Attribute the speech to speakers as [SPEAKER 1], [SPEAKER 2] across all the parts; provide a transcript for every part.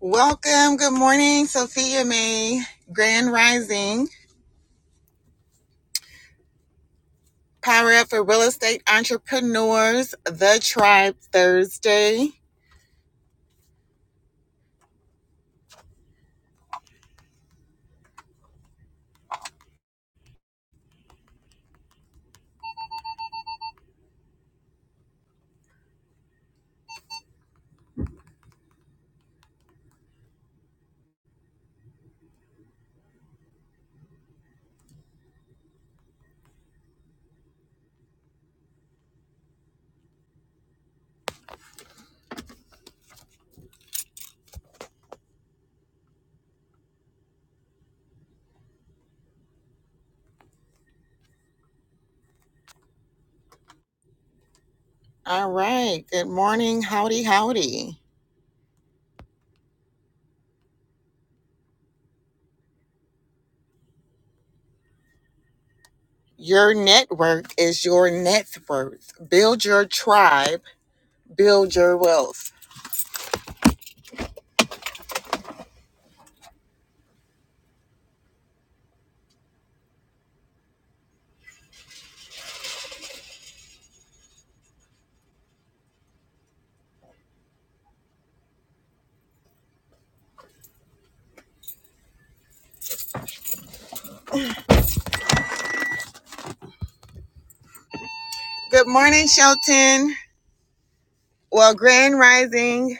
[SPEAKER 1] Welcome. Good morning, Sophia May. Grand Rising. Power Up for Real Estate Entrepreneurs, The Tribe Thursday. All right. Good morning. Howdy, howdy. Your network is your net worth. Build your tribe, build your wealth. Good morning, Shelton. Well, Grand Rising.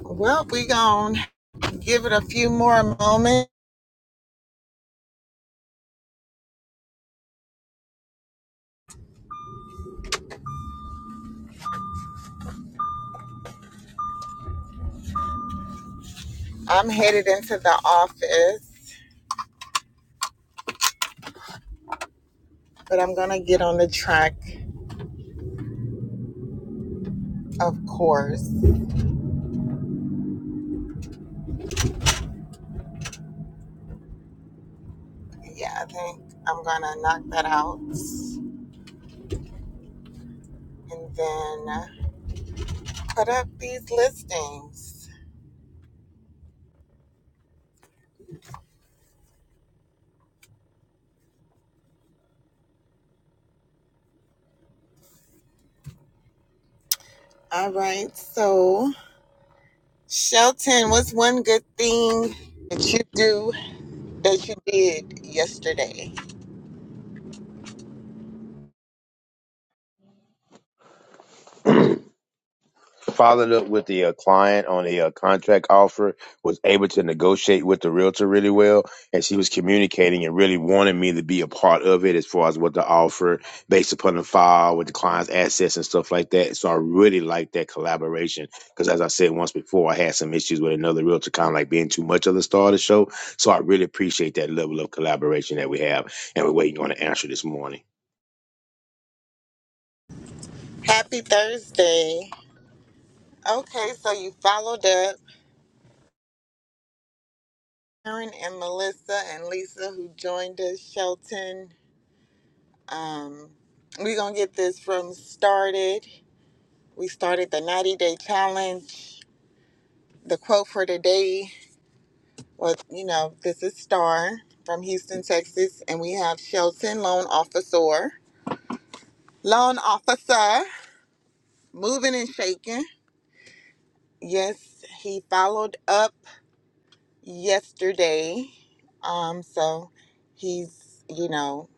[SPEAKER 1] Well, we gonna give it a few more moments. I'm headed into the office, but I'm gonna get on the track Of course. Yeah, I think I'm gonna knock that out and then put up these listings. All right, so Shelton, what's one good thing that you do that you did yesterday?
[SPEAKER 2] followed up with the uh, client on a uh, contract offer, was able to negotiate with the realtor really well, and she was communicating and really wanting me to be a part of it as far as what the offer based upon the file with the client's assets and stuff like that. So I really liked that collaboration because, as I said once before, I had some issues with another realtor, kind of like being too much of the star of the show. So I really appreciate that level of collaboration that we have, and we're waiting on an answer this morning.
[SPEAKER 1] Happy Thursday. Okay, so you followed up Karen and Melissa and Lisa who joined us, Shelton. Um, we're gonna get this room started. We started the 90 day challenge. The quote for today was, you know, this is Star from Houston, Texas, and we have Shelton, loan officer. Loan officer, moving and shaking. Yes, he followed up yesterday. Um, so he's, you know,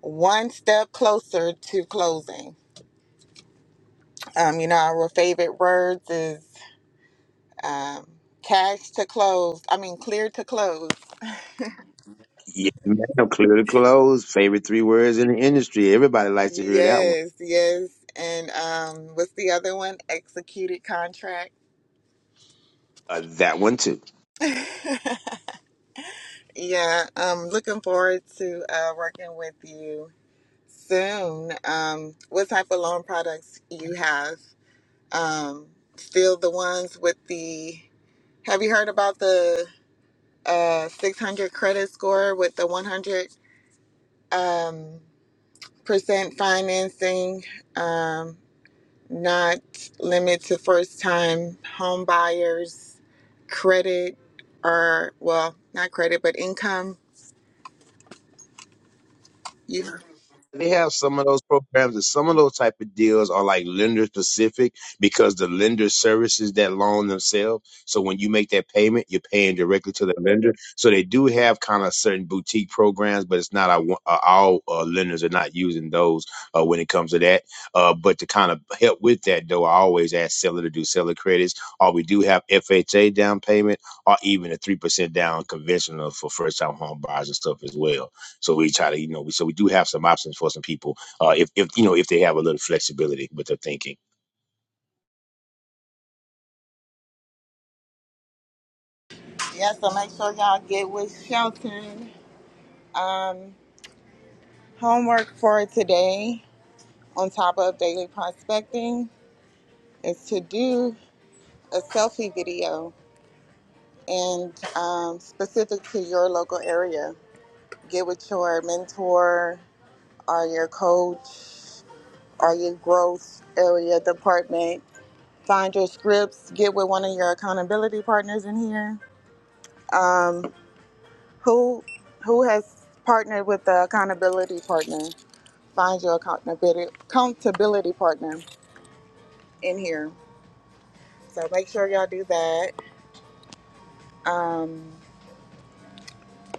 [SPEAKER 1] one step closer to closing. Um, you know, our favorite words is um, cash to close. I mean, clear to close.
[SPEAKER 2] Yeah, man, clear to close. Favorite three words in the industry. Everybody likes to hear that one.
[SPEAKER 1] Yes, yes. And um what's the other one? Executed contract.
[SPEAKER 2] Uh, that one too.
[SPEAKER 1] Yeah, um looking forward to uh working with you soon. Um what type of loan products you have? Um still the ones with the Have you heard about the uh 600 credit score with the 100 um percent financing? Um not limit to first time home buyers, credit, or, well, not credit, but income. You,
[SPEAKER 2] They have some of those programs and some of those type of deals are like lender specific because the lender services that loan themselves. So when you make that payment, you're paying directly to the lender. So they do have kind of certain boutique programs, but it's not a one- uh, all uh, lenders are not using those uh, when it comes to that. Uh, but to kind of help with that though, I always ask seller to do seller credits, or we do have FHA down payment, or even a three percent down conventional for first time home buyers and stuff as well. So we try to, you know, we, so we do have some options for some people, uh, if, if you know, if they have a little flexibility with their thinking.
[SPEAKER 1] yeah, so make sure y'all get with Shelton. Um, homework for today, on top of daily prospecting, is to do a selfie video and um, specific to your local area. Get with your mentor or your coach or your growth area department Find your scripts. Get with one of your accountability partners in here. Um, who who has partnered with the accountability partner? Find your accountability accountability partner in here. So make sure y'all do that. Um,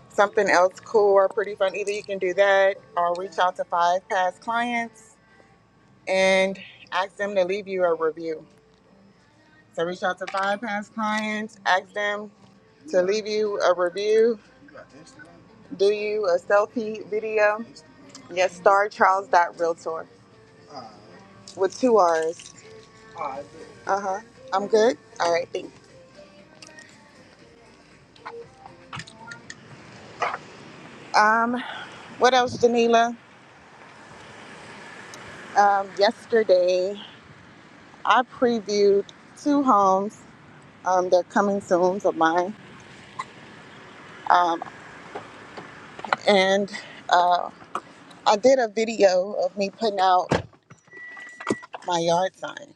[SPEAKER 1] something else cool or pretty fun. Either you can do that or reach out to five past clients and ask them to leave you a review. So reach out to five past clients, ask them to leave you a review Do you a selfie video? Yes, Star Charles Realtor with two R's. Uh huh. I'm good. All right, thanks. Um, what else, Janila? Um, yesterday I previewed two homes. Um, they're coming soon of mine. Um, and uh, I did a video of me putting out my yard sign.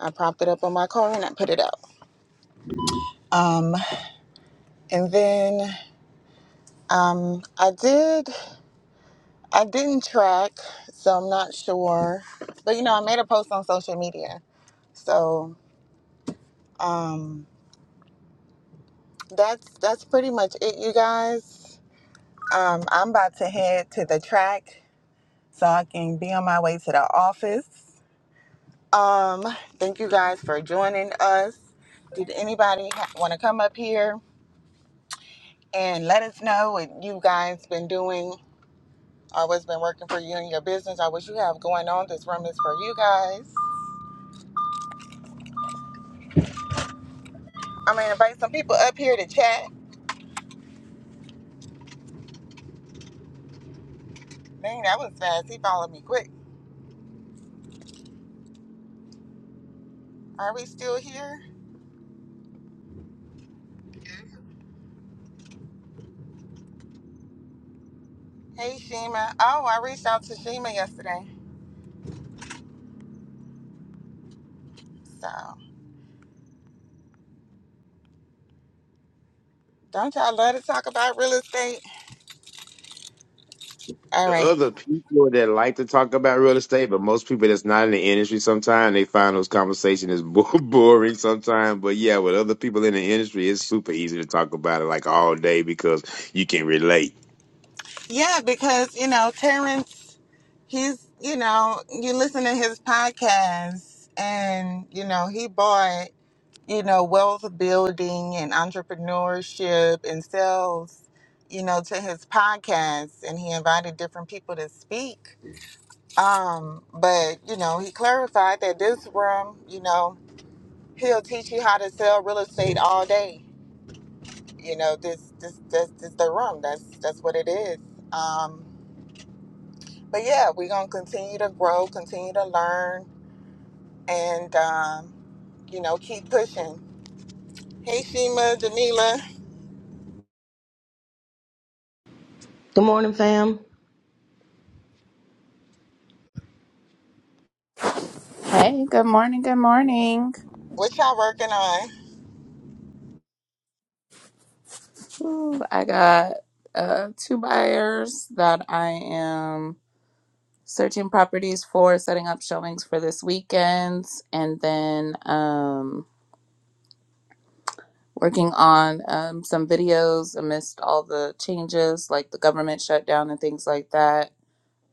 [SPEAKER 1] I propped it up on my car and I put it out. Um, and then um, I did. I didn't track, so I'm not sure. But you know, I made a post on social media. So um, that's that's pretty much it, you guys. Um, I'm about to head to the track so I can be on my way to the office. Um, thank you guys for joining us. Did anybody ha- want to come up here and let us know what you guys been doing or what's been working for you in your business or what you have going on? This room is for you guys. I'm gonna invite some people up here to chat. Dang, that was fast. He followed me quick. Are we still here? Hey, Shima. Oh, I reached out to Shima yesterday. So, don't y'all love to talk about real estate? All
[SPEAKER 2] The
[SPEAKER 1] right.
[SPEAKER 2] other people that like to talk about real estate, but most people that's not in the industry, sometimes they find those conversations is bo- boring sometimes. But yeah, with other people in the industry, it's super easy to talk about it like all day because you can relate.
[SPEAKER 1] Yeah, because, you know, Terrence, he's, you know, you listen to his podcast and, you know, he bought, you know, wealth building and entrepreneurship and sales, you know, to his podcast. And he invited different people to speak Um, but you know, he clarified that this room, you know, he'll teach you how to sell real estate all day. You know, this this this, this the room. That's that's what it is. Um, but yeah, we're gonna continue to grow, continue to learn, and um, you know, keep pushing. Hey, Shima, Janila,
[SPEAKER 3] Good morning, fam.
[SPEAKER 4] Hey, good morning. Good morning.
[SPEAKER 1] what y'all working on?
[SPEAKER 4] Ooh, I got uh, two buyers that I am searching properties for, setting up showings for this weekend, and then um, working on um, some videos amidst all the changes, like the government shutdown and things like that.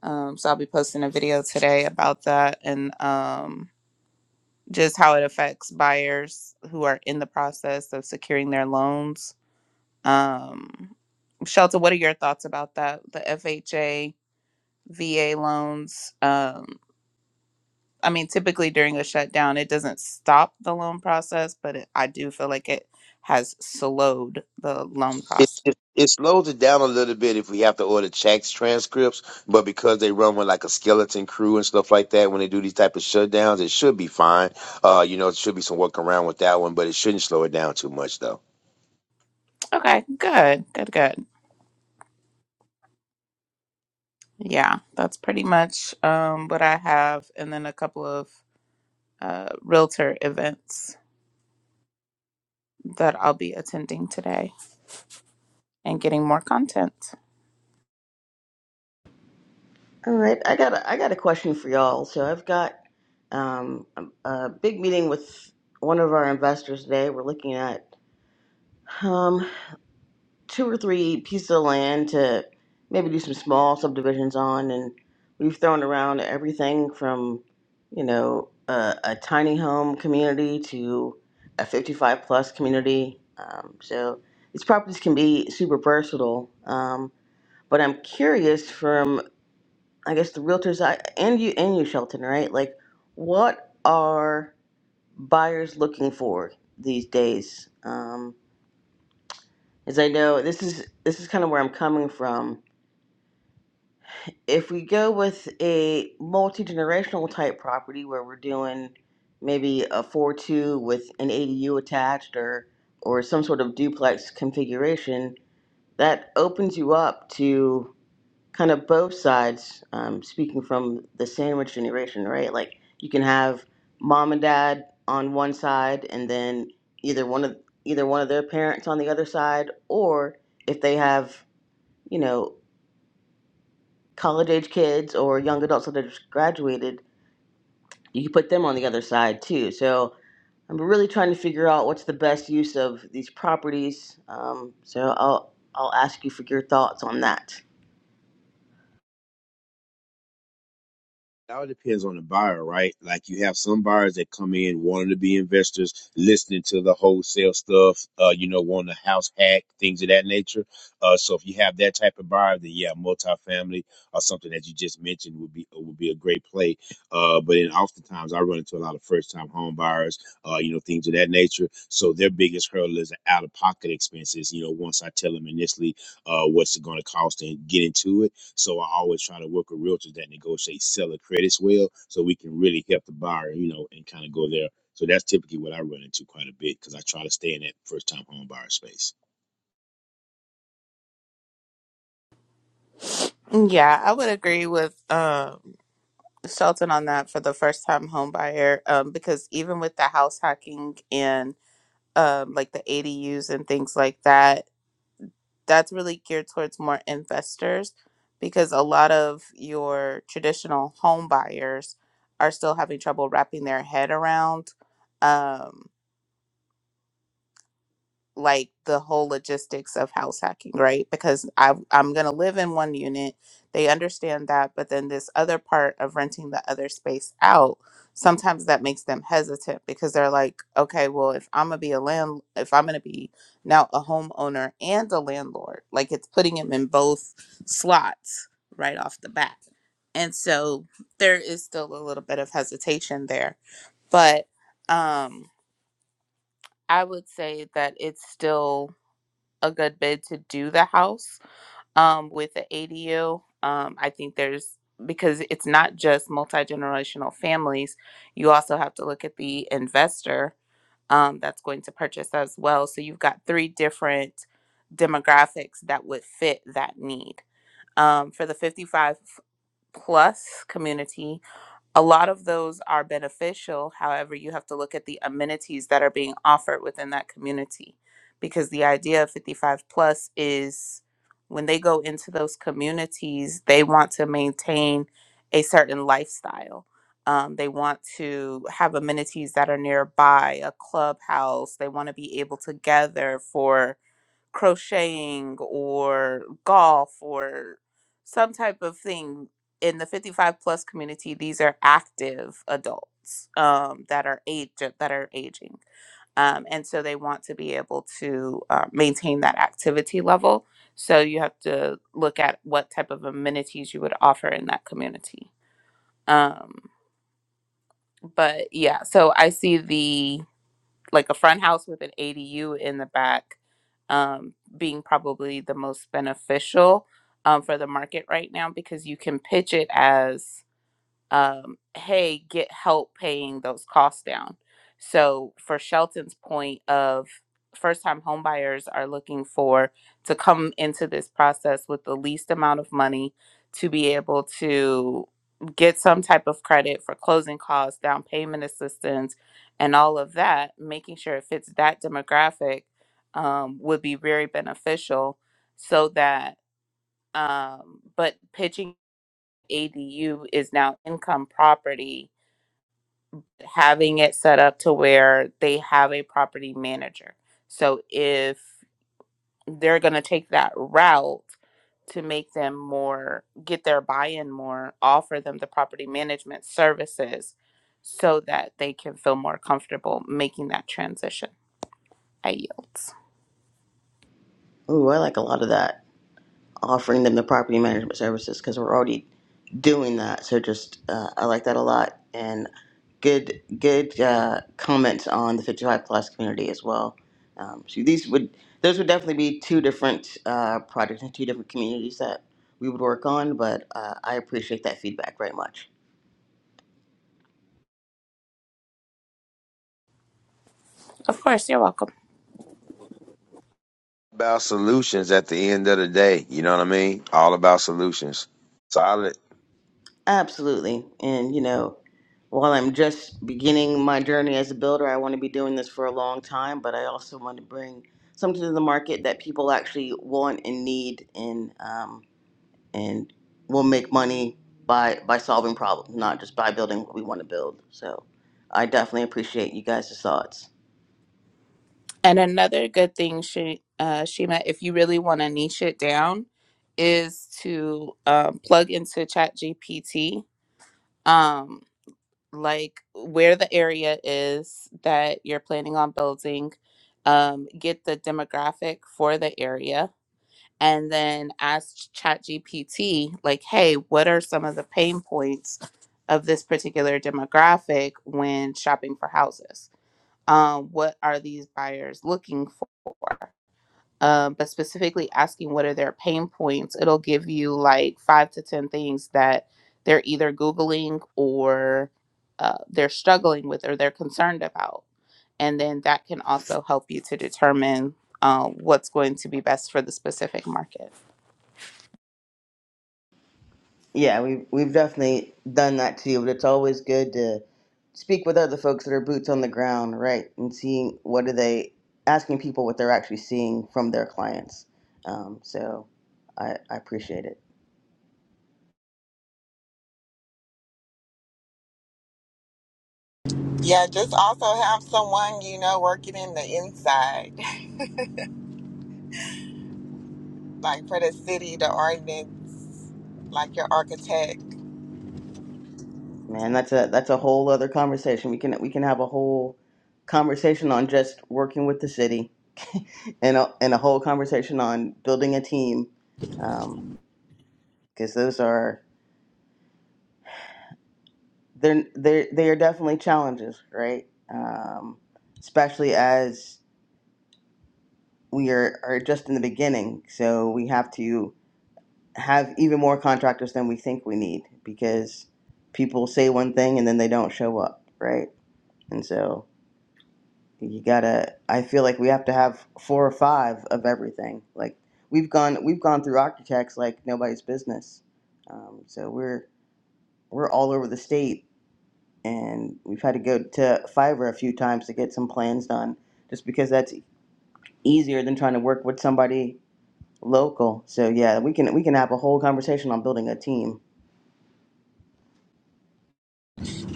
[SPEAKER 4] Um, so I'll be posting a video today about that and um, just how it affects buyers who are in the process of securing their loans Um, Shelter, what are your thoughts about that? The FHA, VA loans. Um, I mean, typically during a shutdown, it doesn't stop the loan process, but it, I do feel like it has slowed the loan
[SPEAKER 2] It,
[SPEAKER 4] process.
[SPEAKER 2] it it slows it down a little bit if we have to order checks transcripts, but because they run with like a skeleton crew and stuff like that when they do these type of shutdowns, it should be fine. Uh, you know, it should be some work around with that one, but it shouldn't slow it down too much though.
[SPEAKER 4] Okay, good, good, good. Yeah, that's pretty much um, what I have, and then a couple of uh, realtor events that I'll be attending today and getting more content.
[SPEAKER 3] All right, I got a, I got a question for y'all. So I've got um, a, a big meeting with one of our investors today. We're looking at um, two or three pieces of land to maybe do some small subdivisions on, and we've thrown around everything from you know a, a tiny home community to a 55 plus community. Um, so these properties can be super versatile. Um, but I'm curious from I guess the realtors I and you and you Shelton, right? Like what are buyers looking for these days? Um as I know this is this is kind of where I'm coming from. If we go with a multi-generational type property where we're doing maybe a 4-2 with an ADU attached or or some sort of duplex configuration, that opens you up to kind of both sides um, speaking from the sandwich generation right like you can have mom and dad on one side and then either one of either one of their parents on the other side or if they have you know college age kids or young adults that have just graduated you can put them on the other side too so i'm really trying to figure out what's the best use of these properties um, so i'll i'll ask you for your thoughts on that
[SPEAKER 2] Now It all depends on the buyer, right? Like you have some buyers that come in wanting to be investors, listening to the wholesale stuff, uh, you know, wanting a house hack, things of that nature. Uh, so if you have that type of buyer, then yeah, multifamily or something that you just mentioned would be uh, would be a great play. Uh, but then oftentimes I run into a lot of first time home buyers, uh, you know, things of that nature. So their biggest hurdle is out of pocket expenses. You know, once I tell them initially uh, what's it going to cost and get into it so I always try to work with realtors that negotiate seller credits well, so we can really help the buyer, you know, and kind of go there. So that's typically what I run into quite a bit because I try to stay in that first time home buyer space.
[SPEAKER 4] Yeah, I would agree with. um Shelton on that for the first time home buyer um, because even with the house hacking and um, like the ADUs and things like that, that's really geared towards more investors because a lot of your traditional home buyers are still having trouble wrapping their head around. Um, like the whole logistics of house hacking, right? Because I I'm gonna live in one unit. They understand that, but then this other part of renting the other space out, sometimes that makes them hesitant because they're like, okay, well, if I'm gonna be a land, if I'm gonna be now a homeowner and a landlord, like it's putting them in both slots right off the bat, and so there is still a little bit of hesitation there, but um, I would say that it's still a good bid to do the house um, with the ADU. Um, I think there's because it's not just multi generational families. You also have to look at the investor um, that's going to purchase as well. So you've got three different demographics that would fit that need um, for the 55 plus community a lot of those are beneficial. However, you have to look at the amenities that are being offered within that community because the idea of 55 plus is when they go into those communities, they want to maintain a certain lifestyle. Um, they want to have amenities that are nearby, a clubhouse. They want to be able to gather for crocheting or golf or some type of thing in the 55 plus community these are active adults um, that are age that are aging um, and so they want to be able to uh, maintain that activity level so you have to look at what type of amenities you would offer in that community um, but yeah so i see the like a front house with an ADU in the back um, being probably the most beneficial um, for the market right now because you can pitch it as um, hey, get help paying those costs down. So, for Shelton's point of first time homebuyers are looking for to come into this process with the least amount of money to be able to get some type of credit for closing costs, down payment assistance, and all of that, making sure it fits that demographic um, would be very beneficial so that, um, but pitching. ADU is now income property, having it set up to where they have a property manager. So if they're going to take that route to make them more, get their buy in more, offer them the property management services so that they can feel more comfortable making that transition. I yield.
[SPEAKER 3] ooh i like a lot of that offering them the property management services because we're already doing that. So just uh, I like that a lot, and good good uh, comments on the 55 plus community as well. Um, so these would those would definitely be two different uh, projects and two different communities that we would work on. But uh, I appreciate that feedback very much.
[SPEAKER 4] Of course, you're welcome.
[SPEAKER 2] About solutions at the end of the day. You know what I mean? All about solutions. So I,
[SPEAKER 3] Absolutely. And, you know, while I'm just beginning my journey as a builder, I want to be doing this for a long time, but I also want to bring something to the market that people actually want and need and um, and will make money by by solving problems, not just by building what we want to build. So I definitely appreciate you guys' thoughts.
[SPEAKER 4] And another good thing, she, uh, Shima, if you really want to niche it down, is to um, plug into ChatGPT, um, like where the area is that you're planning on building, um, get the demographic for the area, and then ask ChatGPT, like, hey, what are some of the pain points of this particular demographic when shopping for houses? Um, what are these buyers looking for? um, but specifically asking what are their pain points. It'll give you like five to 10 things that they're either Googling or uh, they're struggling with or they're concerned about. And then that can also help you to determine uh, what's going to be best for the specific market.
[SPEAKER 3] Yeah, we we've definitely done that too, but it's always good to speak with other folks that are boots on the ground, right? And seeing what are they asking people what they're actually seeing from their clients. Um, so I, I appreciate it.
[SPEAKER 1] Yeah, just also have someone you know working in the inside, like for the city, the ordinance, like your architect.
[SPEAKER 3] Man, that's a that's a whole other conversation. We can we can have a whole conversation on just working with the city and a, and a whole conversation on building a team because those are they're they they are definitely challenges, right? Um, especially as we are are just in the beginning, so we have to have even more contractors than we think we need because people say one thing and then they don't show up, right? And so you gotta. I feel like we have to have four or five of everything. Like we've gone we've gone through architects like nobody's business. Um, so we're we're all over the state and we've had to go to Fiverr a few times to get some plans done, just because that's easier than trying to work with somebody local. So yeah, we can we can have a whole conversation on building a team,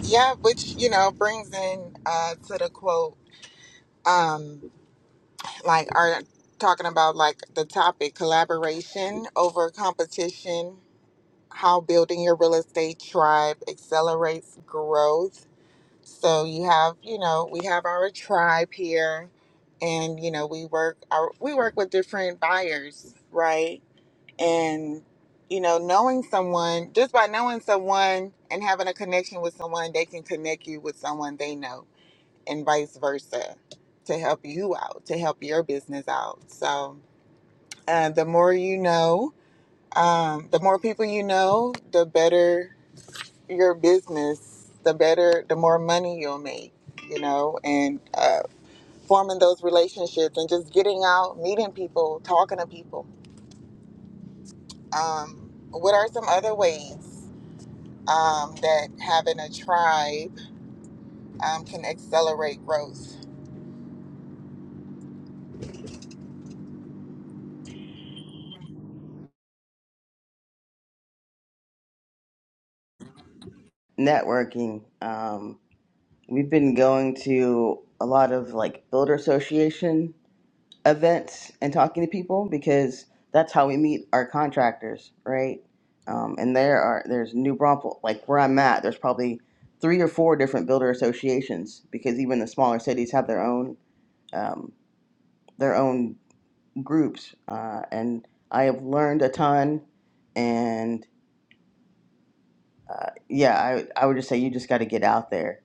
[SPEAKER 1] Yeah, which you know brings in uh, to the quote, um, like are talking about like the topic collaboration over competition, how building your real estate tribe accelerates growth. So you have you know we have our tribe here, and you know we work our we work with different buyers, right? And you know knowing someone just by knowing someone and having a connection with someone, they can connect you with someone they know and vice versa to help you out, to help your business out. So, uh, the more you know, um, the more people you know, the better your business, the better, the more money you'll make, you know, and uh, forming those relationships and just getting out, meeting people, talking to people. Um, what are some other ways um, that having a tribe um, can accelerate growth?
[SPEAKER 3] networking. Um, we've been going to a lot of like builder association events and talking to people because that's how we meet our contractors, right? Um, and there are there's New Braunfels, like where I'm at. There's probably three or four different builder associations because even the smaller cities have their own um, their own groups. Uh, and I have learned a ton. And uh, yeah, I I would just say you just got to get out there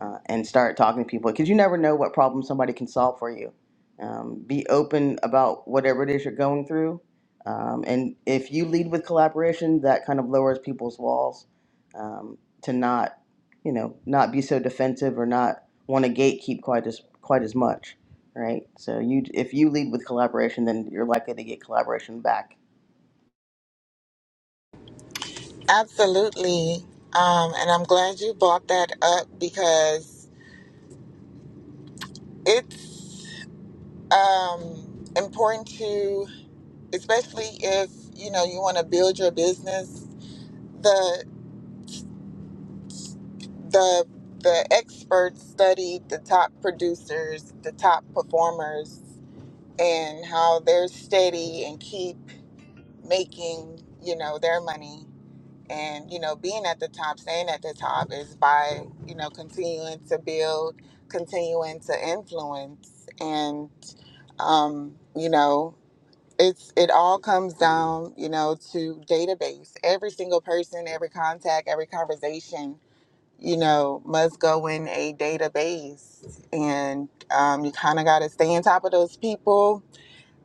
[SPEAKER 3] uh, and start talking to people because you never know what problem somebody can solve for you. Um, be open about whatever it is you're going through. Um, and if you lead with collaboration, that kind of lowers people's walls um, to not, you know, not be so defensive or not want to gatekeep quite as quite as much, right? So you, if you lead with collaboration, then you're likely to get collaboration back.
[SPEAKER 1] Absolutely. Um, and I'm glad you brought that up because it's um, important to, especially if you know you want to build your business. The the the experts study the top producers, the top performers, and how they're steady and keep making you know their money. and you know being at the top staying at the top is by you know continuing to build continuing to influence and um you know it's it all comes down you know to database every single person every contact every conversation you know must go in a database and um, you kind of got to stay on top of those people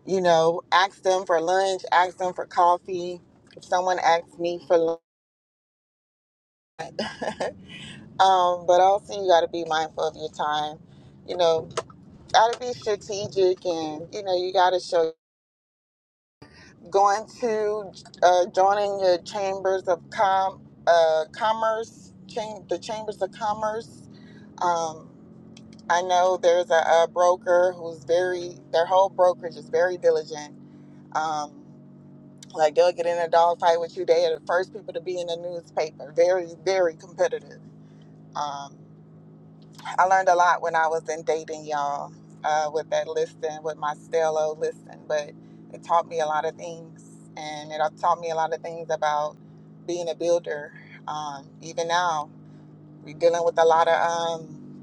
[SPEAKER 1] you know ask them for lunch ask them for coffee if someone asks me for lunch Um, but also you got to be mindful of your time. You know, got to be strategic, and you know you got to show going to uh, joining your chambers of com uh, commerce, cham- the chambers of commerce. Um, I know there's a, a broker who's very their whole brokerage is very diligent. Um, like they'll get in a dog fight with you. They are the first people to be in the newspaper. Very very competitive. Um, I learned a lot when I was in dating y'all uh, with that listing, with my Stello listing, but it taught me a lot of things. And it uh, taught me a lot of things about being a builder. Um, even now, we're dealing with a lot of, um,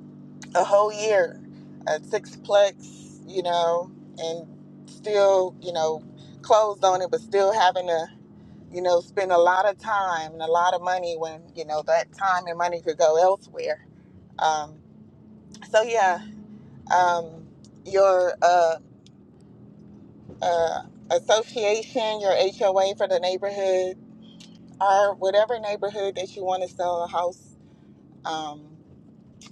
[SPEAKER 1] a whole year, a sixplex, you know, and still, you know, closed on it, but still having to, you know, spend a lot of time and a lot of money when, you know, that time and money could go elsewhere. Um, so, yeah, um, your uh, uh, association, your HOA for the neighborhood, or whatever neighborhood that you want to sell a house, um,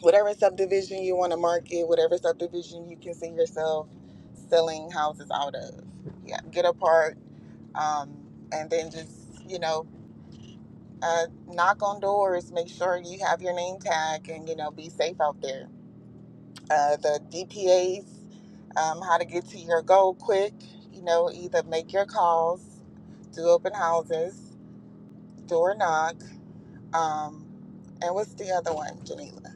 [SPEAKER 1] whatever subdivision you want to market, whatever subdivision you can see yourself selling houses out of. Yeah, get a part, um, and then just you know, uh, knock on doors, make sure you have your name tag, and you know, be safe out there. uh, the DPAs, um, how to get to your goal quick. You know, either make your calls, do open houses, door knock, um, and what's the other one, Janila?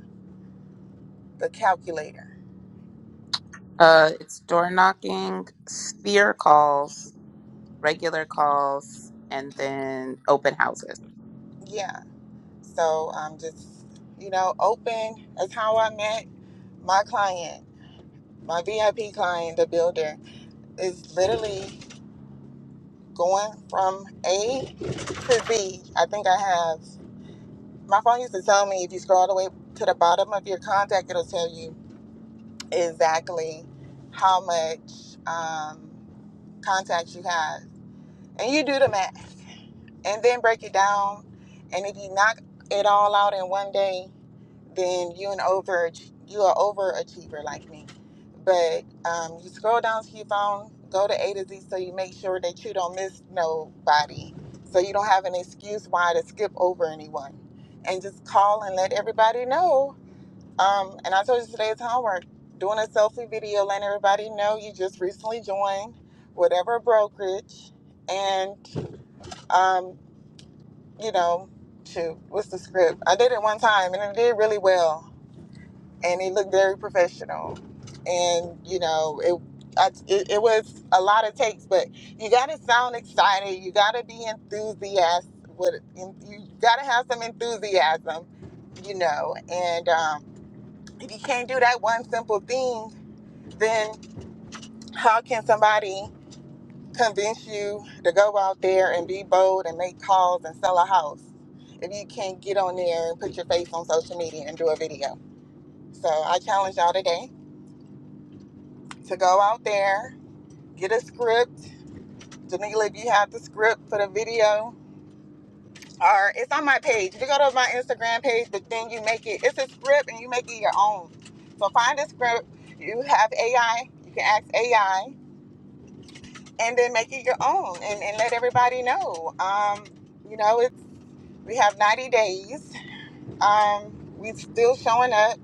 [SPEAKER 1] The calculator.
[SPEAKER 4] Uh, it's door knocking, sphere calls, regular calls, and then open houses.
[SPEAKER 1] Yeah. So um, just, you know, open is how I met my client, my VIP client, the builder, is literally going from A to Z. I think I have. My phone used to tell me if you scroll all the way to the bottom of your contact, it'll tell you exactly how much um, contacts you have. And you do the math and then break it down. And if you knock it all out in one day, then you an over you are overachiever like me. But um, you scroll down to your phone, go to A to Z, so you make sure that you don't miss nobody, so you don't have an excuse why to skip over anyone, and just call and let everybody know. Um, and I told you today's homework: doing a selfie video, letting everybody know you just recently joined whatever brokerage, and um, you know, shoot, what's the script? I did it one time, and it did really well and he looked very professional. And you know, it I, it, it was a lot of takes, but you got to sound excited. You got to be enthusiastic. With you got to have some enthusiasm, you know. And um, if you can't do that one simple thing, then how can somebody convince you to go out there and be bold and make calls and sell a house if you can't get on there and put your face on social media and do a video? So I challenge y'all today to go out there, get a script. Danila, if you have the script for the video, or it's on my page. If you go to my Instagram page, but then you make it, it's a script and you make it your own. So find a script. You have AI, you can ask AI, and then make it your own and, and let everybody know. Um, you know, it's we have 90 days. Um, we're still showing up,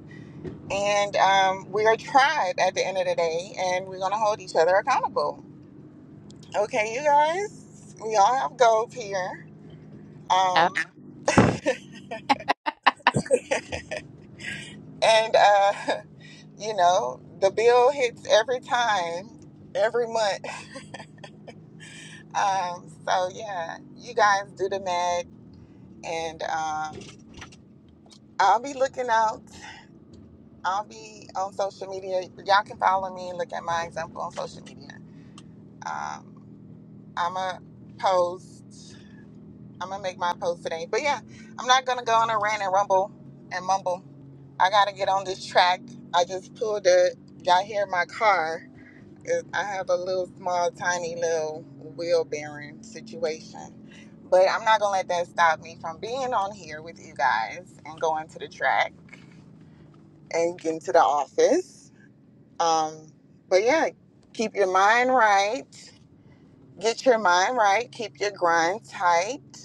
[SPEAKER 1] and um, we're a tribe at the end of the day, and we're gonna hold each other accountable. Okay, you guys, we all have goals here.
[SPEAKER 4] Yep.
[SPEAKER 1] Um, and, uh, you know, the bill hits every time, every month. Um, so, yeah, you guys do the math. And um, I'll be looking out. I'll be on social media. Y'all can follow me and look at my example on social media. Um, I'm a post. I'm gonna make my post today. But yeah, I'm not gonna go on a rant and rumble and mumble. I gotta get on this track. I just pulled it. Y'all hear my car? It- I have a little small, tiny little wheel bearing situation. But I'm not gonna let that stop me from being on here with you guys and going to the track and getting to the office. Um, but yeah, keep your mind right. Get your mind right. Keep your grind tight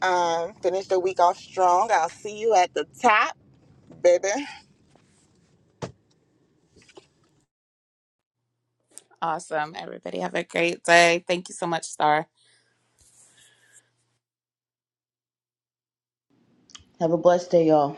[SPEAKER 1] Um, finish the week off strong. I'll see you at the top, baby.
[SPEAKER 4] Awesome. Everybody have a great day. Thank you so much, Star.
[SPEAKER 3] Have a blessed day, y'all.